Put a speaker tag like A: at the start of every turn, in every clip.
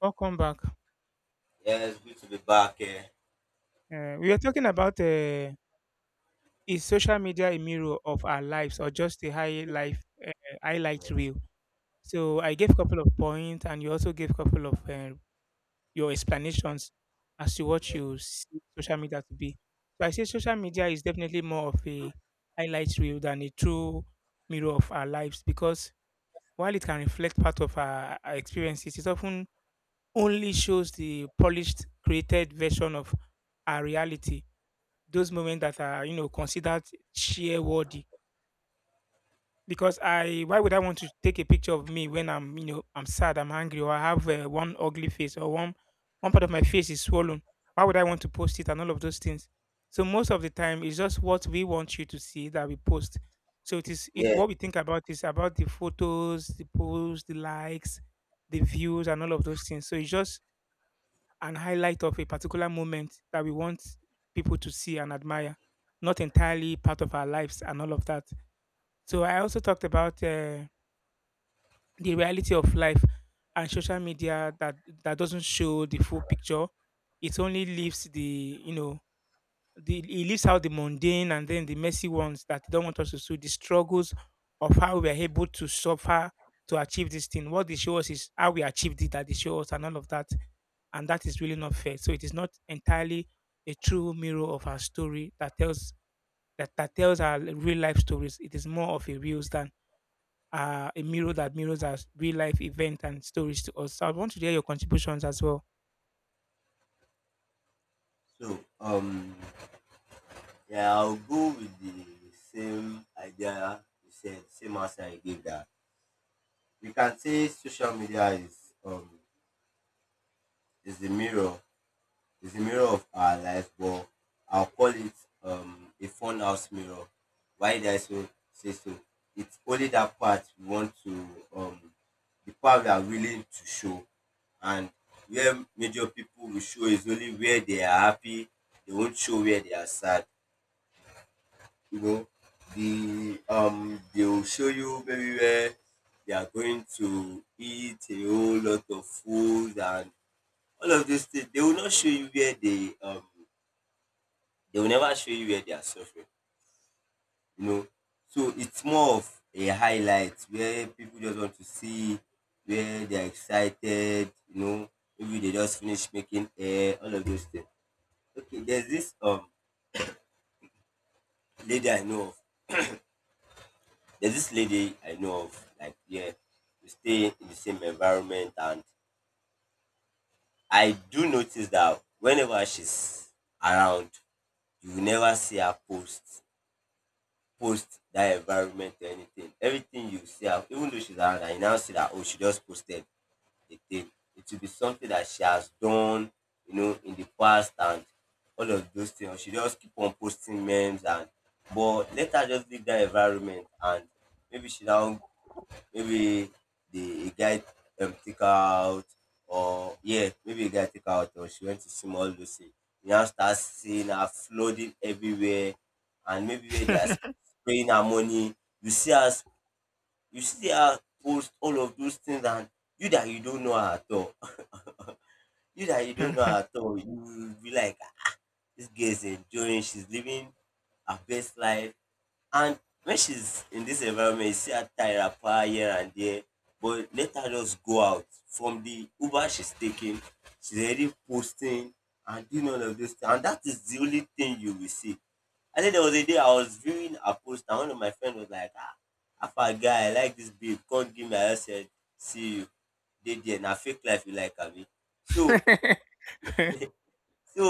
A: Welcome back.
B: Yeah, it's good to be back here.
A: We are talking about is social media a mirror of our lives or just a highlight
B: Yes,
A: reel? So I gave a couple of points, and you also gave a couple of your explanations as to what
B: yeah.
A: you see social media to be. So I say social media is definitely more of a highlight reel than a true mirror of our lives because while it can reflect part of our experiences, it often only shows the polished, created version of our reality, those moments that are, you know, considered share worthy. Because I why would I want to take a picture of me when I'm, you know, I'm sad, I'm angry, or I have, one ugly face, or one part of my face is swollen? Why would I want to post it and all of those things? So most of the time it's just what we want you to see that we post. So it is it
B: Yeah.
A: what we think about is about the photos, the posts, the likes, the views, and all of those things. So it's just an highlight of a particular moment that we want people to see and admire, not entirely part of our lives and all of that. So I also talked about the reality of life and social media, that doesn't show the full picture. It only leaves the you know the, he leaves out the mundane and then the messy ones that he don't want us to see, the struggles of how we are able to suffer to achieve this thing. What they show us is how we achieved it that they show us and all of that. And that is really not fair. So it is not entirely a true mirror of our story that tells that, that tells our real life stories. It is more of a reels than a mirror that mirrors our real life event and stories to us. So I want to hear your contributions as well.
B: So, um, yeah, I'll go with the same idea you said, same answer you gave that. We can say social media is is the mirror, is the mirror of our life, but I'll call it a fun house mirror. Why did I so say so? It's only that part we want to um the part we are willing to show. And where major people will show is only where they are happy. They won't show where they are sad, you know. They will show you maybe where they are going to eat a whole lot of food and all of these things. They will not show you where they will never show you where they are suffering, you know. So it's more of a highlight where people just want to see where they are excited, you know, maybe they just finish making hair, all of those things. There's this lady I know of. There's this lady I know of. Like, yeah, we stay in the same environment, and I do notice that whenever she's around, you will never see her post that environment or anything. Everything you see her, even though she's around, and you now see that, oh, she just posted again. It will be something that she has done, you know, in the past and all of those things. Or she just keep on posting memes. And But let her just leave that environment, and maybe she now maybe the a guy, take her out. Or yeah, maybe a guy take her out or she went to see all those things. You now start seeing her flooding everywhere, and maybe where they are spraying her money. You see her you see her post all of those things. And you that you don't know her at all you that you don't know at all, you will be like, "Ah, this girl is enjoying, she's living her best life." And when she's in this environment, you see her tie her power here and there. But let her just go out from the Uber she's taking, she's already posting and doing all of those things. And that is the only thing you will see. And then there was a day I was viewing a post, and one of my friends was like, "Ah, Alpha guy, I like this babe, can't give me." I just said, "See you. They there, na fake life you like, Abi." So So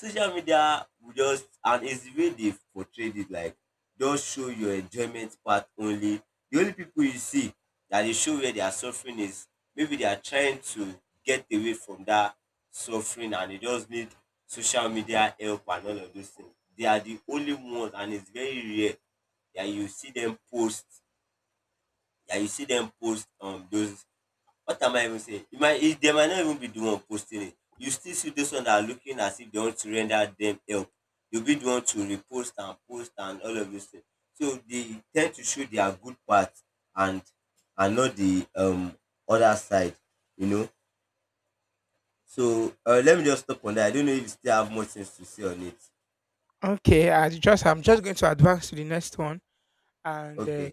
B: social media will just, and it's the way they portrayed it, like just show your enjoyment part only. The only people you see that they show where they are suffering is maybe they are trying to get away from that suffering, and they just need social media help and all of those things. They are the only ones, and it's very rare that you see them post that you see them post those. What am I even saying? You might it they might not even be the one posting it. You still see those one that are looking as if they want to render them help. You'll be the one to repost and post and all of those things. So they tend to show their good part. and and not the other side, you know. So, let me just stop on that. I don't know if you still have more things to say on it.
A: Okay, I'm just going to advance to the next one, and
B: Okay.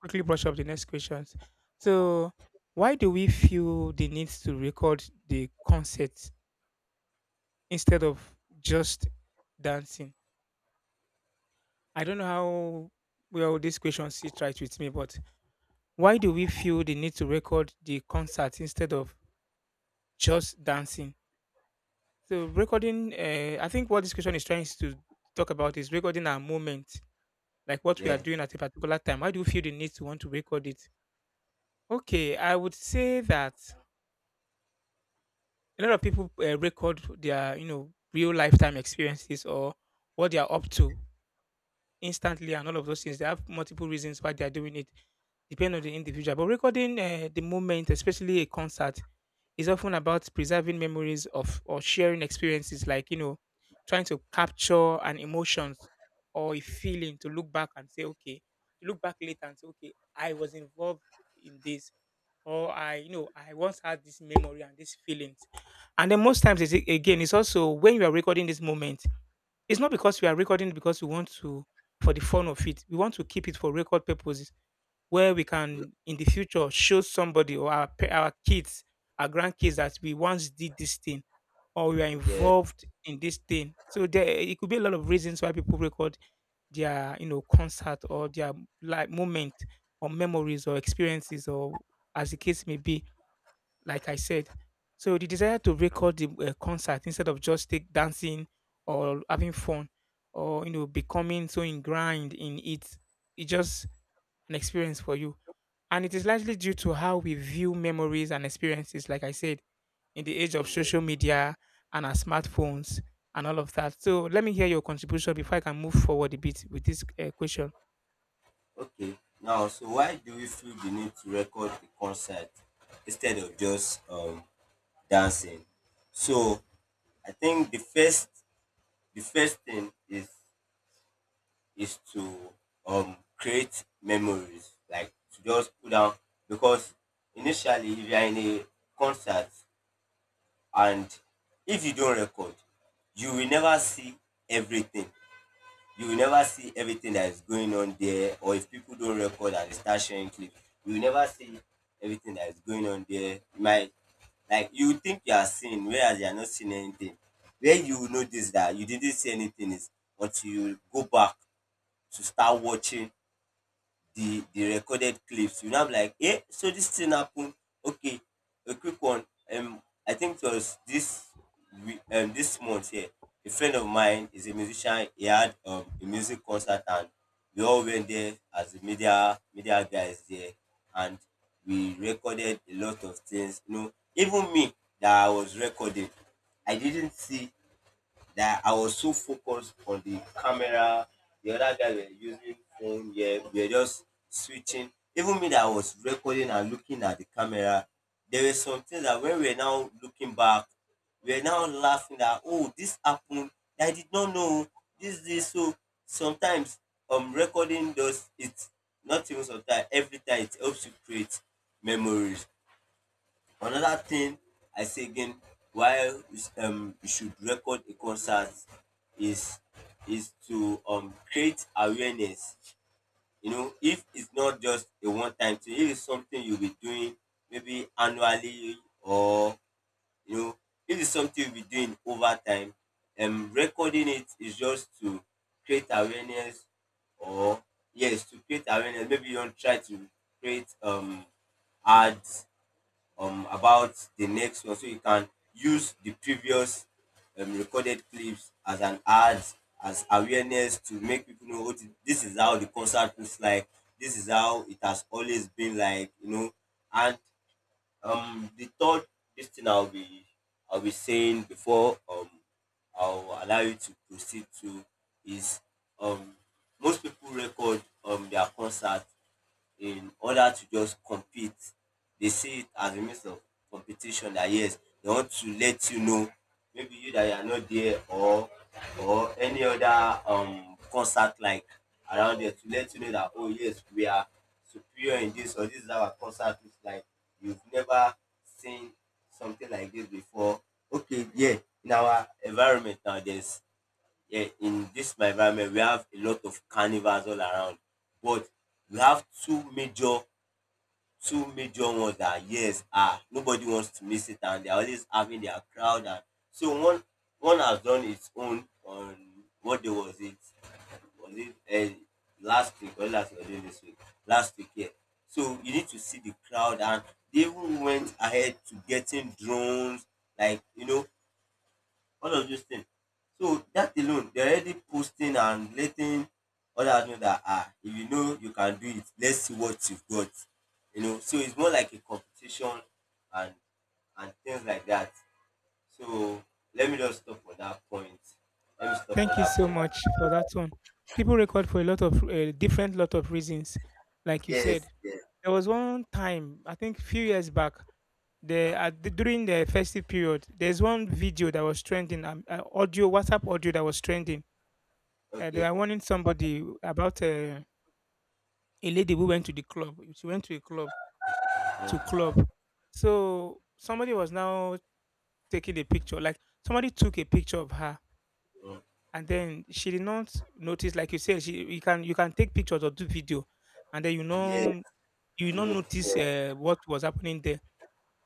A: quickly brush up the next questions. So, why do we feel the need to record the concert instead of just dancing? I don't know how well this question sits right with me, but why do we feel the need to record the concert instead of just dancing? So, recording, I think what this question is trying to talk about is recording our moment, like what we are
B: Yeah.
A: doing at a particular time. Why do you feel the need to want to record it? Okay, I would say that a lot of people record their, you know, real lifetime experiences or what they are up to instantly and all of those things. They have multiple reasons why they are doing it, depending on the individual. But recording the moment, especially a concert, is often about preserving memories of or sharing experiences, like, you know, trying to capture an emotions or a feeling to look back and say, okay, to look back later and say, okay, I was involved in this, or I, you know, I once had this memory and these feelings. And then most times, it's, again, it's also when you are recording this moment, it's not because we are recording it because we want to, for the fun of it. We want to keep it for record purposes where we can, in the future, show somebody or our, our kids, our grandkids, that we once did this thing or we are
B: Yeah.
A: involved in this thing. So there, it could be a lot of reasons why people record their, you know, concert or their like moment or memories or experiences or as the case may be, like I said. So the desire to record the concert instead of just take dancing or having fun or, you know, becoming so ingrained in it, it's just an experience for you. And it is largely due to how we view memories and experiences, like I said, in the age of
B: Yeah.
A: social media and our smartphones and all of that. So let me hear your contribution before I can move forward a bit with this question.
B: Okay. Now, so why do we feel the need to record the concert instead of just dancing? So I think the first thing is is to create memories, like to just put down. Because initially, if you are in a concert, and if you don't record, you will never see everything. You will never see everything that is going on there. Or if people don't record and they start sharing clips, you will never see everything that is going on there. You might, like, you think you are seeing, whereas you are not seeing anything. Where you will notice that you didn't see anything is until you go back to start watching the recorded clips. You know, I'm like, eh, so this thing happened. Okay, a quick one. Um, I think it was this month here. A friend of mine is a musician. He had a music concert, and we all went there as the media guys there, and we recorded a lot of things. You know, even me that I was recording, I didn't see, that I was so focused on the camera. The other guy were using phone. Yeah, we were just switching. Even me that I was recording and looking at the camera, there were some things that when we were now looking back, we were now laughing that, oh, this happened. I did not know this. So sometimes recording does it. Not even sometimes. Every time it helps you create memories. Another thing I say again, why you should record a concert is is to, create awareness. You know, if it's not just a one time thing, if it's something you'll be doing maybe annually, or, you know, if it's something you'll be doing over time, recording it is just to create awareness. Or yes, to create awareness. Maybe you don't try to create ads, about the next one, so you can use the previous recorded clips as an ad, as awareness, to make people know what, this is how the concert looks like, this is how it has always been like, you know. And the third, this thing I'll be I'll be saying, before I'll allow you to proceed to, is, um most people record their concert in order to just compete. They see it as a means of competition. That yes, they want to let you know, maybe you that you are not there, or any other concert like around there, to let you know that, oh, yes, we are superior in this, or this is our concert. It's like you've never seen something like this before. Okay, yeah. in our environment now there's Yeah, in this my environment we have a lot of carnivals all around, but we have two major ones that, yes, ah, nobody wants to miss it, and they are always having their crowd. And so one has done its own on, what day was it, was it, last week, or this week, last week, yeah. So you need to see the crowd, and they even went ahead to getting drones, like, you know, all of these things. So that alone, they're already posting and letting others know that, ah, if you know you can do it, let's see what you've got. You know, so it's more like a competition and, things like that. So let me just stop on that point. Let me stop on
A: Thank you
B: that
A: so
B: point.
A: much for that one. People record for a lot of different lot of reasons, like you
B: Yes,
A: said.
B: yes,
A: There was one time, I think a few years back, during the festive period, there's one video that was trending, audio, WhatsApp audio that was trending. They
B: okay.
A: were warning somebody about a lady who went to the club. She went to a club to
B: Mm,
A: club, so somebody was now taking a picture. Like, somebody took a picture of her,
B: mm,
A: and then she did not notice. Like you said, she you can, you can take pictures or do video, and then, you
B: yes,
A: know, you
B: no,
A: not notice
B: yeah,
A: what was happening there.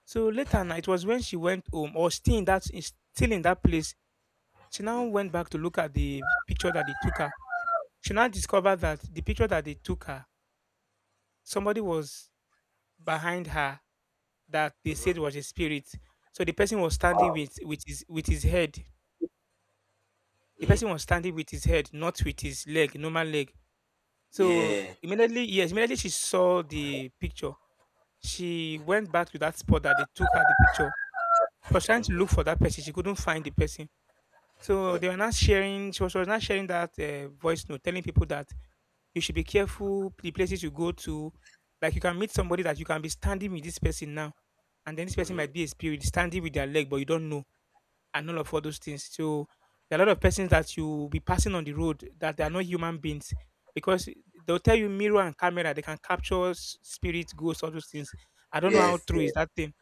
A: So later now, it was when she went home or still in that is still in that place. She now
B: mm,
A: went back to look at the picture that they took her. She now discovered that the picture that they took her, somebody was behind her that they
B: mhm,
A: said was a spirit. So the person was standing with his head. The
B: eh,
A: person was standing with his head, not with his leg, normal leg. So
B: yeah,
A: immediately, yes, immediately she saw the picture. She went back to that spot that they took her the picture. She was trying to look
B: mhm,
A: for that person. She couldn't find the person. So
B: mm,
A: they were not sharing. She was not sharing that voice note, telling people that you should be careful the places you go to. Like, you can meet somebody that you can be standing with this person now, and then this person
B: mhm,
A: might be a spirit standing with their leg, but you don't know, and all those things. So there are a lot of persons that you will be passing on the road that they are not human beings, because they'll tell you mirror and camera they can capture spirit, ghosts, all those things. I don't know how
B: yes,
A: true
B: yes.
A: is that thing.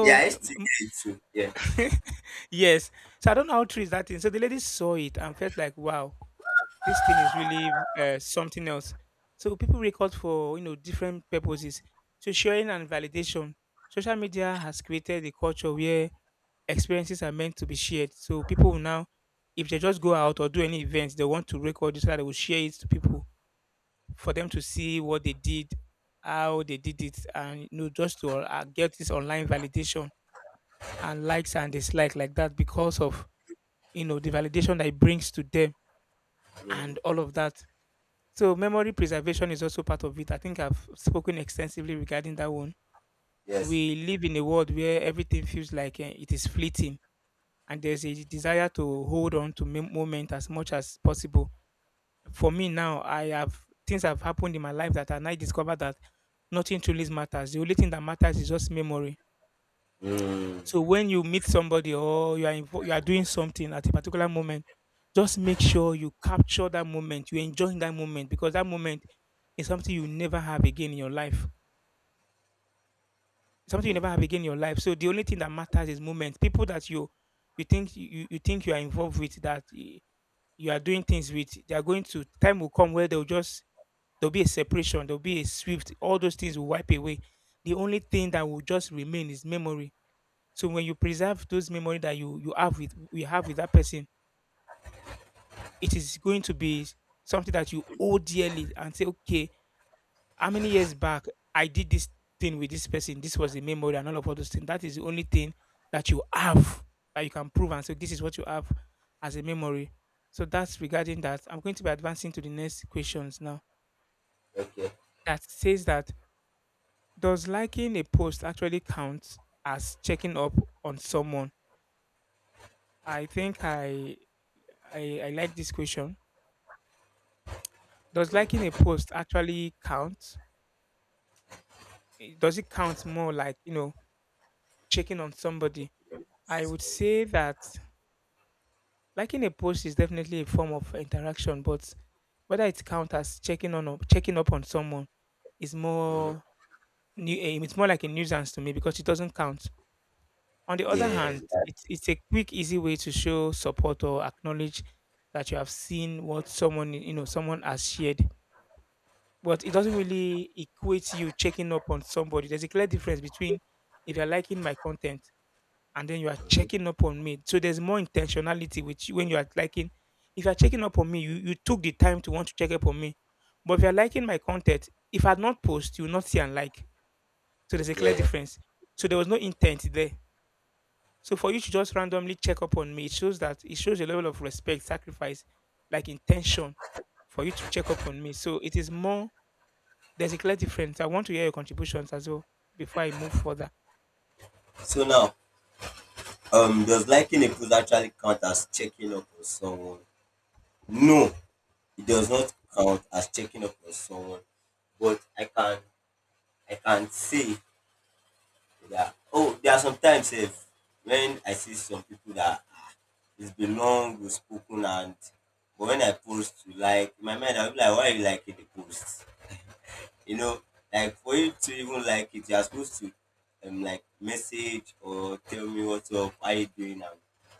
B: Yeah, I used to get it too. Yeah,
A: yes. So I don't know how true is that thing. So the lady saw it and felt like, wow, this thing is really something else. So people record for, you know, different purposes. So, sharing and validation. Social media has created a culture where experiences are meant to be shared. So people will now, if they just go out or do any events, they want to record it so that they will share it to people for them to see what they did, how they did it, and, you know, just to get this online validation and likes and dislike like that, because of, you know, the validation that it brings to them
B: mhm,
A: and all of that. So memory preservation is also part of it. I think I've spoken extensively regarding that one.
B: yes.
A: We live in a world where everything feels like, eh, it is fleeting, and there's a desire to hold on to moment as much as possible. For me now, I have, things have happened in my life that I now discover that nothing truly matters. The only thing that matters is just memory.
B: Mm,
A: So when you meet somebody or you are you are doing something at a particular moment, just make sure you capture that moment. You enjoy that moment, because that moment is something you never have again in your life. Something you
B: mm,
A: never have again in your life. So the only thing that matters is moment. People that you think you think you are involved with, that, eh, you are doing things with, they are going to, time will come where they'll just, there'll be a separation, there'll be a swift. All those things will wipe away. The only thing that will just remain is memory. So when you preserve those memory that you have, with we have with that person, it is going to be something that you owe dearly and say, okay, how many years back I did this thing with this person? This was a memory and all of all those things. That is the only thing that you have, that you can prove and say this is what you have as a memory. So that's regarding that. I'm going to be advancing to the next questions now.
B: okay.
A: That says that, does liking a post actually count as checking up on someone? I think I like this question. Does liking a post actually count? Eh, does it count more like, you know, checking on somebody? I would say that liking a post is definitely a form of interaction, but whether it counts as checking on or checking up on someone is it's more like a nuisance to me because it doesn't count. On the other
B: Yeah.
A: hand, it's a quick, easy way to show support or acknowledge that you have seen what someone you know someone has shared. But it doesn't really equate you checking up on somebody. There's a clear difference between if you're liking my content and then you are
B: Mhm.
A: checking up on me. So there's more intentionality which when you are liking. If you're checking up on me, you took the time to want to check up on me. But if you're liking my content, if I not post, you will not see and like. So there's a clear
B: Yeah.
A: difference. So there was no intent there. So for you to just randomly check up on me, it shows that it shows a level of respect, sacrifice, like intention for you to check up on me. So it is more there's a clear difference. I want to hear your contributions as well before I move further.
B: So now, does liking a post actually count as checking up on someone? No, it does not count as checking up on someone. But I can say that, oh, there are sometimes, if when I see some people that, it's been long we've spoken, and but when I post, to like, in my mind I'll be like, why are you liking the post? You know, like for you to even like it, you're supposed to, like, message or tell me what's up, how you doing, and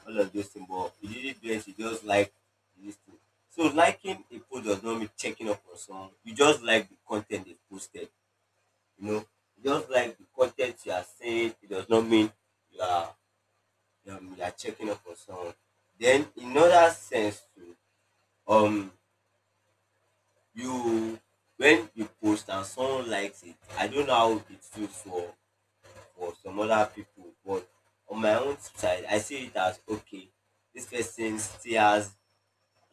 B: all of those things. But you didn't do it, you just like this thing. So liking a post does not mean checking up on someone. You just like the content they posted. You know, you just like the content you are saying. It does not mean you are, you are checking up on someone. Then in other sense too, um, you, when you post and someone likes it, I don't know how it feels for some other people. But on my own side, I see it as, okay, this person still has,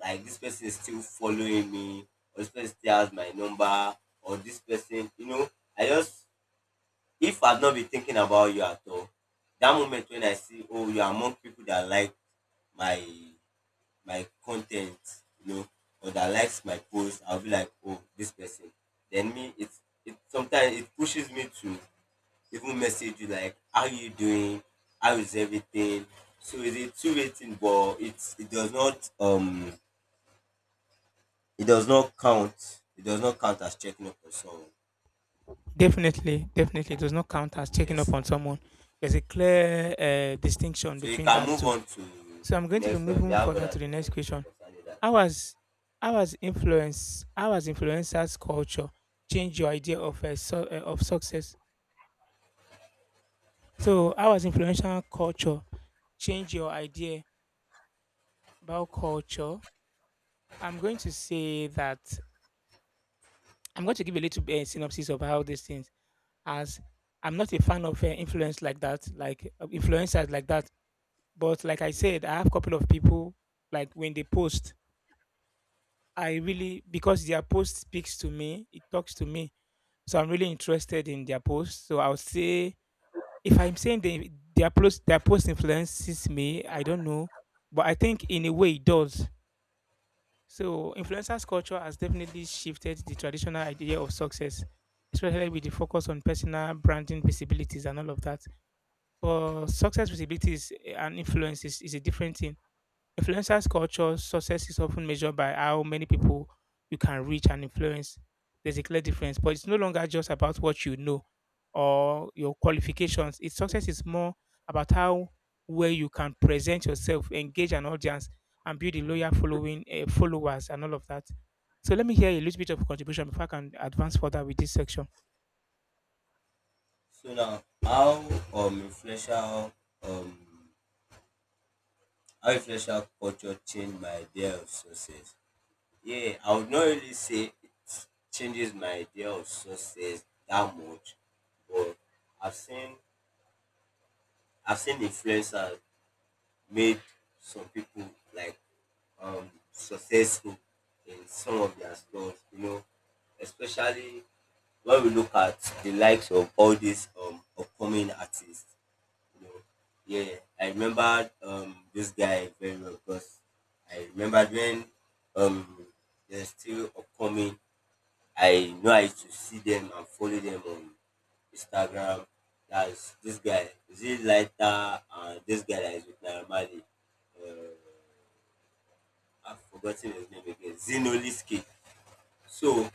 B: like, this person is still following me, or this person still has my number, or this person, you know, I just, if I've not been thinking about you at all, that moment when I see, oh, you're among people that like my my content, you know, or that likes my post, I'll be like, oh, this person. Then me, it sometimes it pushes me to even message you, like, how you doing, how is everything. So it's a two-way thing, but it does not count as checking up on someone.
A: Definitely, definitely does not count as checking up
B: Yes.
A: on someone. There's a clear distinction
B: So you
A: between
B: can
A: that
B: move
A: two.
B: on to
A: So I'm
B: the
A: going to be
B: next one. We
A: moving
B: have
A: further
B: other
A: to the
B: things
A: next
B: to say
A: question.
B: concerning that.
A: How has how has influencers culture changed your idea of of success? So how has influential culture changed your idea about culture? I'm going to say that I'm going to give a little synopsis of how this thing as I'm not a fan of influence like that, like influencers like that. But like I said, I have a couple of people like when they post, I really because their post speaks to me, it talks to me. So I'm really interested in their post. So I'll say if I'm saying they, their post influences me, I don't know, but I think in a way it does. So influencers culture has definitely shifted the traditional idea of success, especially with the focus on personal branding, visibilities, and all of that. But success visibility is, and influence is a different thing. Influencers culture success is often measured by how many people you can reach and influence. There's a clear difference, but it's no longer just about what you know or your qualifications. It's success is more about how well you can present yourself, engage an audience, and build a loyal following, followers, and all of that. So let me hear a little bit of contribution before I can advance further with this section.
B: So now how um influential culture change my idea of success. Yeah, I would not really say it changes my idea of success that much, but I've seen I've seen influencers made some people like successful in some of their stuff, you know, especially when we look at the likes of all these upcoming artists, you know. Yeah, I remember this guy very well because I remember when um there's still upcoming. I know I used to see them and follow them on Instagram. That's this guy. Is it Lighter and this guy that is with Naira Marley? Uh, I've forgotten his name again. Zinoliski. So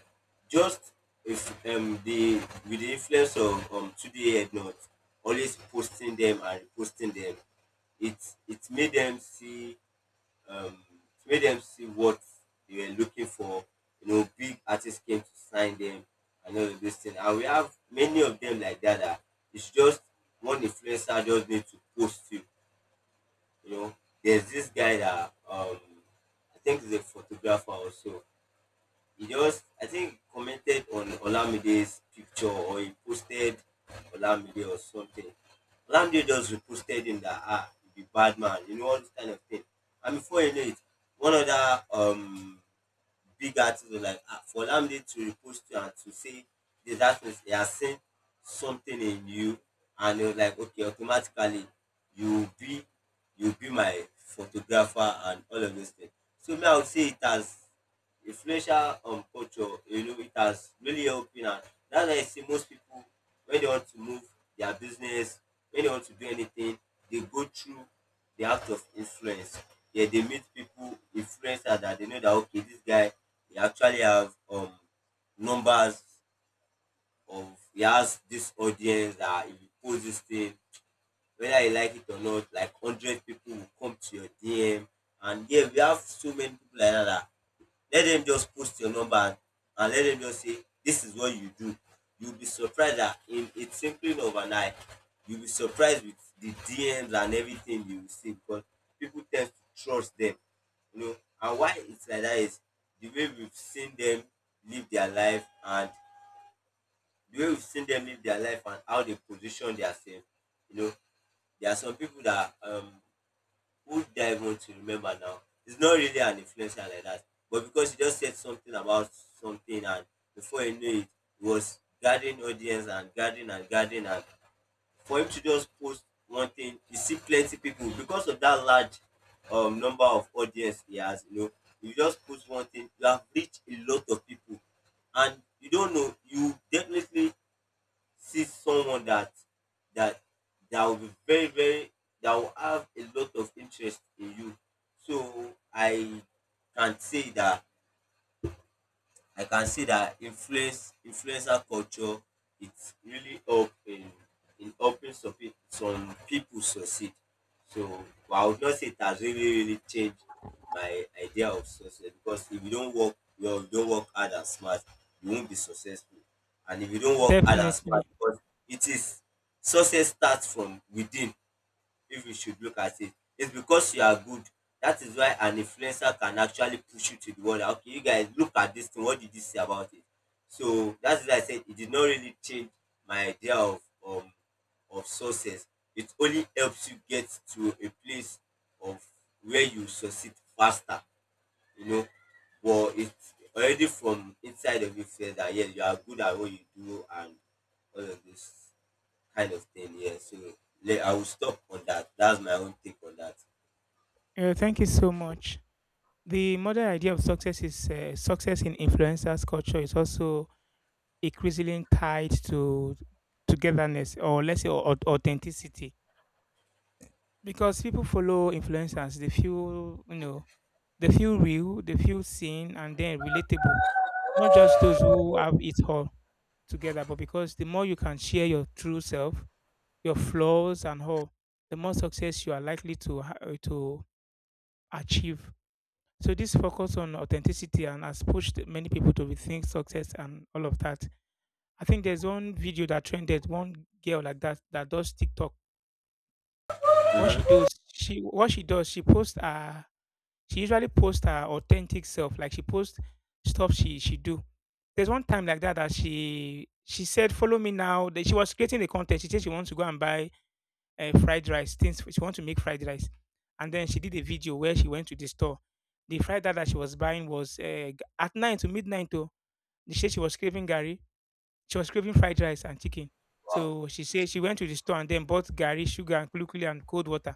B: just if the with the influence of today head not always posting them and reposting them, it it made them see um, to make them see what they were looking for. You know, big artists came to sign them and all of this thing. And we have many of them like that, that it's just one influencer just need to post you. You know, there's this guy that, I think is a photographer also, he just, I think, commented on Olamide's picture, or he posted Olamide or something. Olamide just reposted him that, ah, you be bad man, you know, all this kind of thing. And before you know it, one other big artist was like, ah, for Olamide to repost you and to say this, that means he has seen something in you. And it was like, okay, automatically you will be you will be my photographer and all of those things. So me, I would say it has influential culture, you know, it has really helped me. And that's why I see most people, when they want to move their business, when they want to do anything, they go through the act of influence. Yeah, they meet people, influencers that they know that, okay, this guy, he actually have numbers of he has this audience that if you post this thing, whether you like it or not, like 100 people will come to your DM. And yeah, we have so many people like that, that let them just post your number, and let them just say this is what you do, you'll be surprised that in a twinkling of an eye, you'll be surprised with the DMs and everything you will see, because people tend to trust them, you know. And why it's like that is the way we've seen them live their life and the way we've seen them live their life and how they position themselves, you know. There are some people that, who did I want to remember now? It's not really an influencer like that, but because he just said something about something, and before you knew it, he was gathering audience and gathering and gathering, and for him to just post one thing, you see plenty people because of that large number of audience he has. You know, you just post one thing, you have reached a lot of people, and you don't know, you definitely see someone that that that will be very that will have a lot of interest in you. So can say that I can see that influencer culture, its really help in helping some people, some people succeed. So, but I would not say it has really changed my idea of success, because if you don't work well, you don't work hard and smart, you won't be successful. And if you don't work hard and
A: Definitely.
B: smart, because it is, success starts from within, if you should look at it. It's because you are good. That is why an influencer can actually push you to the world. Okay, you guys look at this thing. What did you say about it? So that's why I said it did not really change my idea um of success. It only helps you get to a place of where you succeed faster, you know. But it's already from inside of you, feel that yes, you are good at what you do and all of this kind of thing. Yeah. So I will stop on that. That's my own take on that.
A: Yeah, thank you so much. The modern idea of success is success in influencers culture is also increasingly tied to togetherness or let's say authenticity because people follow influencers. They feel they feel real, they feel seen, and then relatable. Not just those who have it all together, but because the more you can share your true self, your flaws and all, the more success you are likely to to achieve. So this focus on authenticity and has pushed many people to rethink success and all of that. I think there's one video that trended, one girl like that that does TikTok. What she
B: Mm-hmm.
A: does, she what she does, she posts her she usually posts her authentic self. Like she posts stuff she do. There's one time like that that she said, follow me now. That she was creating the content. She said she wants to go and buy fried rice things. She want to make fried rice, and then she did a video where she went to the store. The fried rice that she was buying was at 9 to midnight. Though she said she was craving gari, she was craving fried rice and chicken.
B: Wow.
A: So she said she went to the store and then bought gari, sugar, and kulukuli and cold water.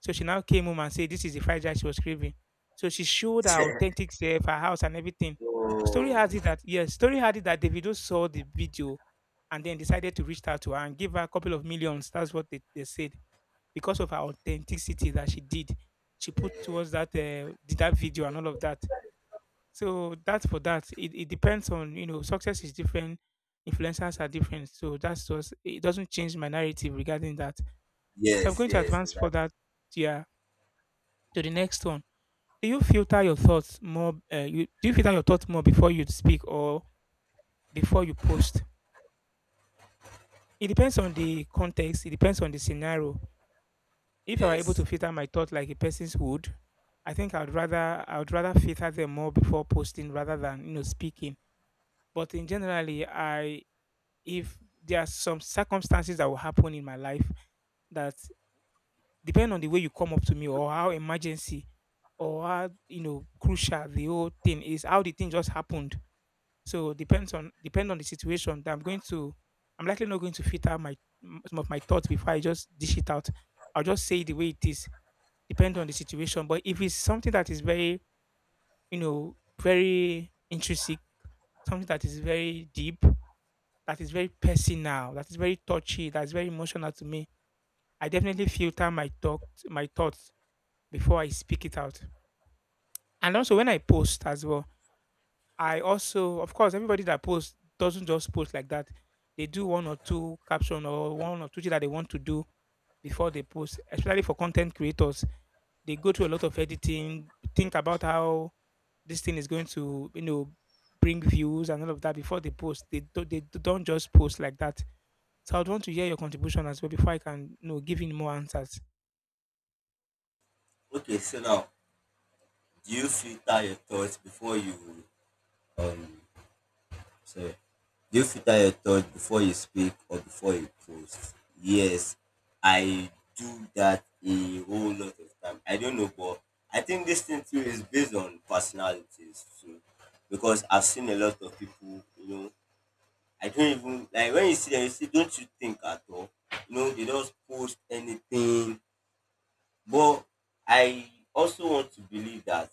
A: So she now came home and said this is the fried rice she was craving. So she showed her authentic self, her house, and everything. Story
B: Oh,
A: has it that yes, story had it that Davido saw the video and then decided to reach out to her and give her a couple of millions. That's what they said because of her authenticity that she did, she put towards that did that video and all of that. So that's for that. It depends on you know success is different, influencers are different. So that's just it doesn't change my narrative regarding that. So I'm
B: yes,
A: going to
B: yes,
A: advance for
B: that,
A: that. Yeah, to the next one. Do you filter your thoughts more? Do you filter your thoughts more before you speak or before you post? It depends on the context. It depends on the scenario. If I were able to
B: yes.
A: filter my thoughts like a person's would, I think I would rather filter them more before posting rather than you know speaking. But in generally, I if there are some circumstances that will happen in my life that depend on the way you come up to me or how emergency or how you know crucial the whole thing is, how the thing just happened. So depend on the situation that I'm going to. I'm likely not going to filter my some of my thoughts before I just dish it out. I'll just say it the way it is depend on the situation. But if it's something that is very, you know, very intrinsic, something that is very deep, that is very personal, that is very touchy, that is very emotional to me, I definitely filter my talk, my thoughts before I speak it out. And also when I post as well, I also, of course, everybody that posts doesn't just post like that. They do one or two caption or one or two thing that they want to do before they post, especially for content creators. They go through a lot of editing, think about how this thing is going to, you know, bring views and all of that before they post. They don't, they d- don't just post like that. So I'd want to hear your contribution as well before I can, you know, give in more answers.
B: Okay, so now, do you filter your thoughts before you um? Sorry. Do you filter your thoughts before you speak or before you post? Yes, I do that a whole lot of time. I don't know, but I think this thing too is based on personalities too, because I've seen a lot of people, you know, I don't even like when you see them, you see, don't you think at all? You know, they don't post anything. But I also want to believe that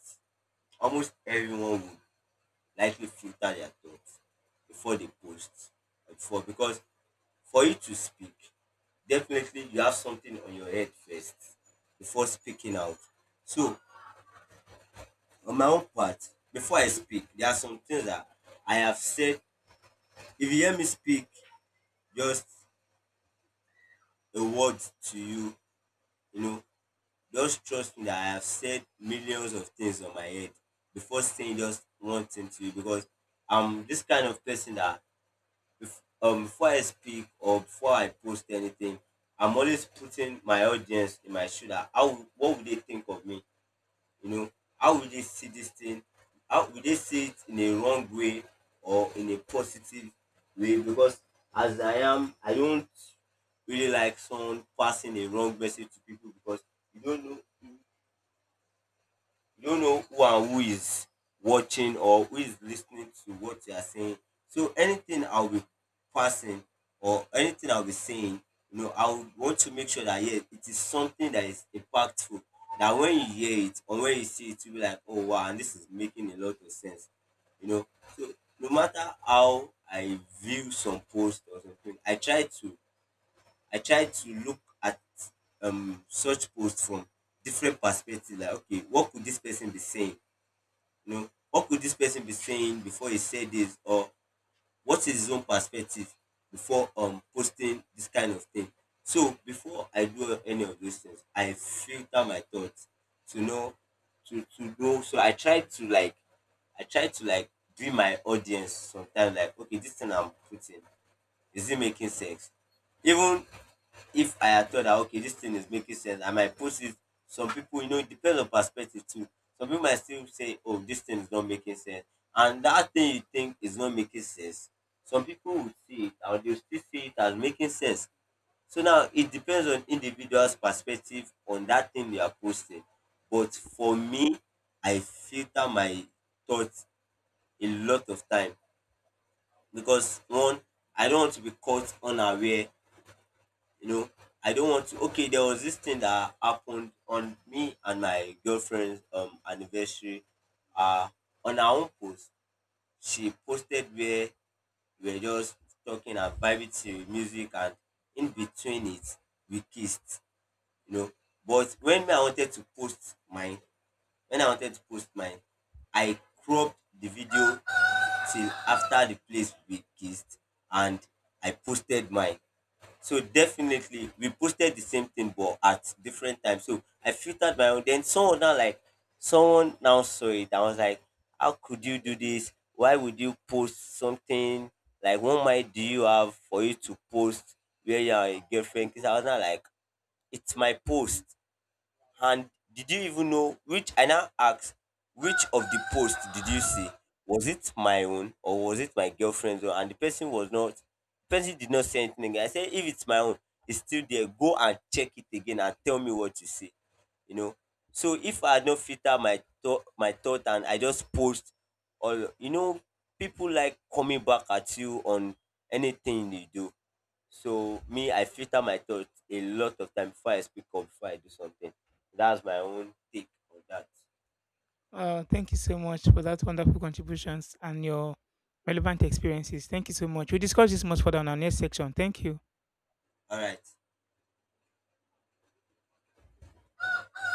B: almost everyone would likely filter their thoughts before they post. Before, because for you to speak, definitely you have something on your head first before speaking out. So on my own part, before I speak, there are some things that I have said. If you hear me speak just a word to you, you know, just trust me that I have said millions of things on my head before saying just one thing to you, because I'm this kind of person that if, before I speak or before I post anything, I'm always putting my audience in my shoe, that how, what would they think of me? You know, how would they see this thing? How would they see it in a wrong way or in a positive way? Because as I am, I don't really like someone passing a wrong message to people, because you don't know you don't know who and who is watching, or who is listening to what you are saying. So anything I'll be passing or anything I'll be saying, you know, I would want to make sure that, yeah, it is something that is impactful. That when you hear it or when you see it, you'll be like, oh wow, and this is making a lot of sense. You know, so no matter how I view some posts or something, I try to look at such posts from different perspectives. Like, okay, what could this person be saying? You know, what could this person be saying before he said this, or what is his own perspective before posting this kind of thing? So before I do any of those things, I filter my thoughts to know to know. So I try to like do my audience sometimes, like, okay, this thing I'm putting, is it making sense? Even if I had thought that, okay, this thing is making sense, I might post it. Some people, you know, it depends on perspective too. Some people might still say, oh, this thing is not making sense. And that thing you think is not making sense, some people would see it and they'll still see it as making sense. So now it depends on individual's perspective on that thing they are posting. But for me, I filter my thoughts a lot of time because, one, I don't want to be caught unaware, you know, I don't want to. Okay, there was this thing that happened on me and my girlfriend's anniversary. uh on our own post, she posted where we were just talking and vibing to music, and in between it, we kissed, you know. But when me, I wanted to post mine, when I wanted to post mine, I cropped the video till after the place we kissed, and I posted mine. So definitely we posted the same thing but at different times. So I filtered my own. Then someone now saw it. I was like, how could you do this? Why would you post something? Like, what mind do you have for you to post where you are a girlfriend? Because I was not like, it's my post. And did you even know, which I now asked, which of the post did you see? Was it my own or was it my girlfriend's own? And the person was not the person did not say anything again. I said, if it's my own, it's still there. Go and check it again and tell me what you see. You know. So if I had not filtered my thought and I just post, or you know, people like coming back at you on anything you do. So me, I filter my thoughts a lot of time before I speak or before I do something. That's my own take on that.
A: Thank you so much for that wonderful contributions and your relevant experiences. Thank you so much. We'll discuss this much further on our next section. Thank you.
B: All right.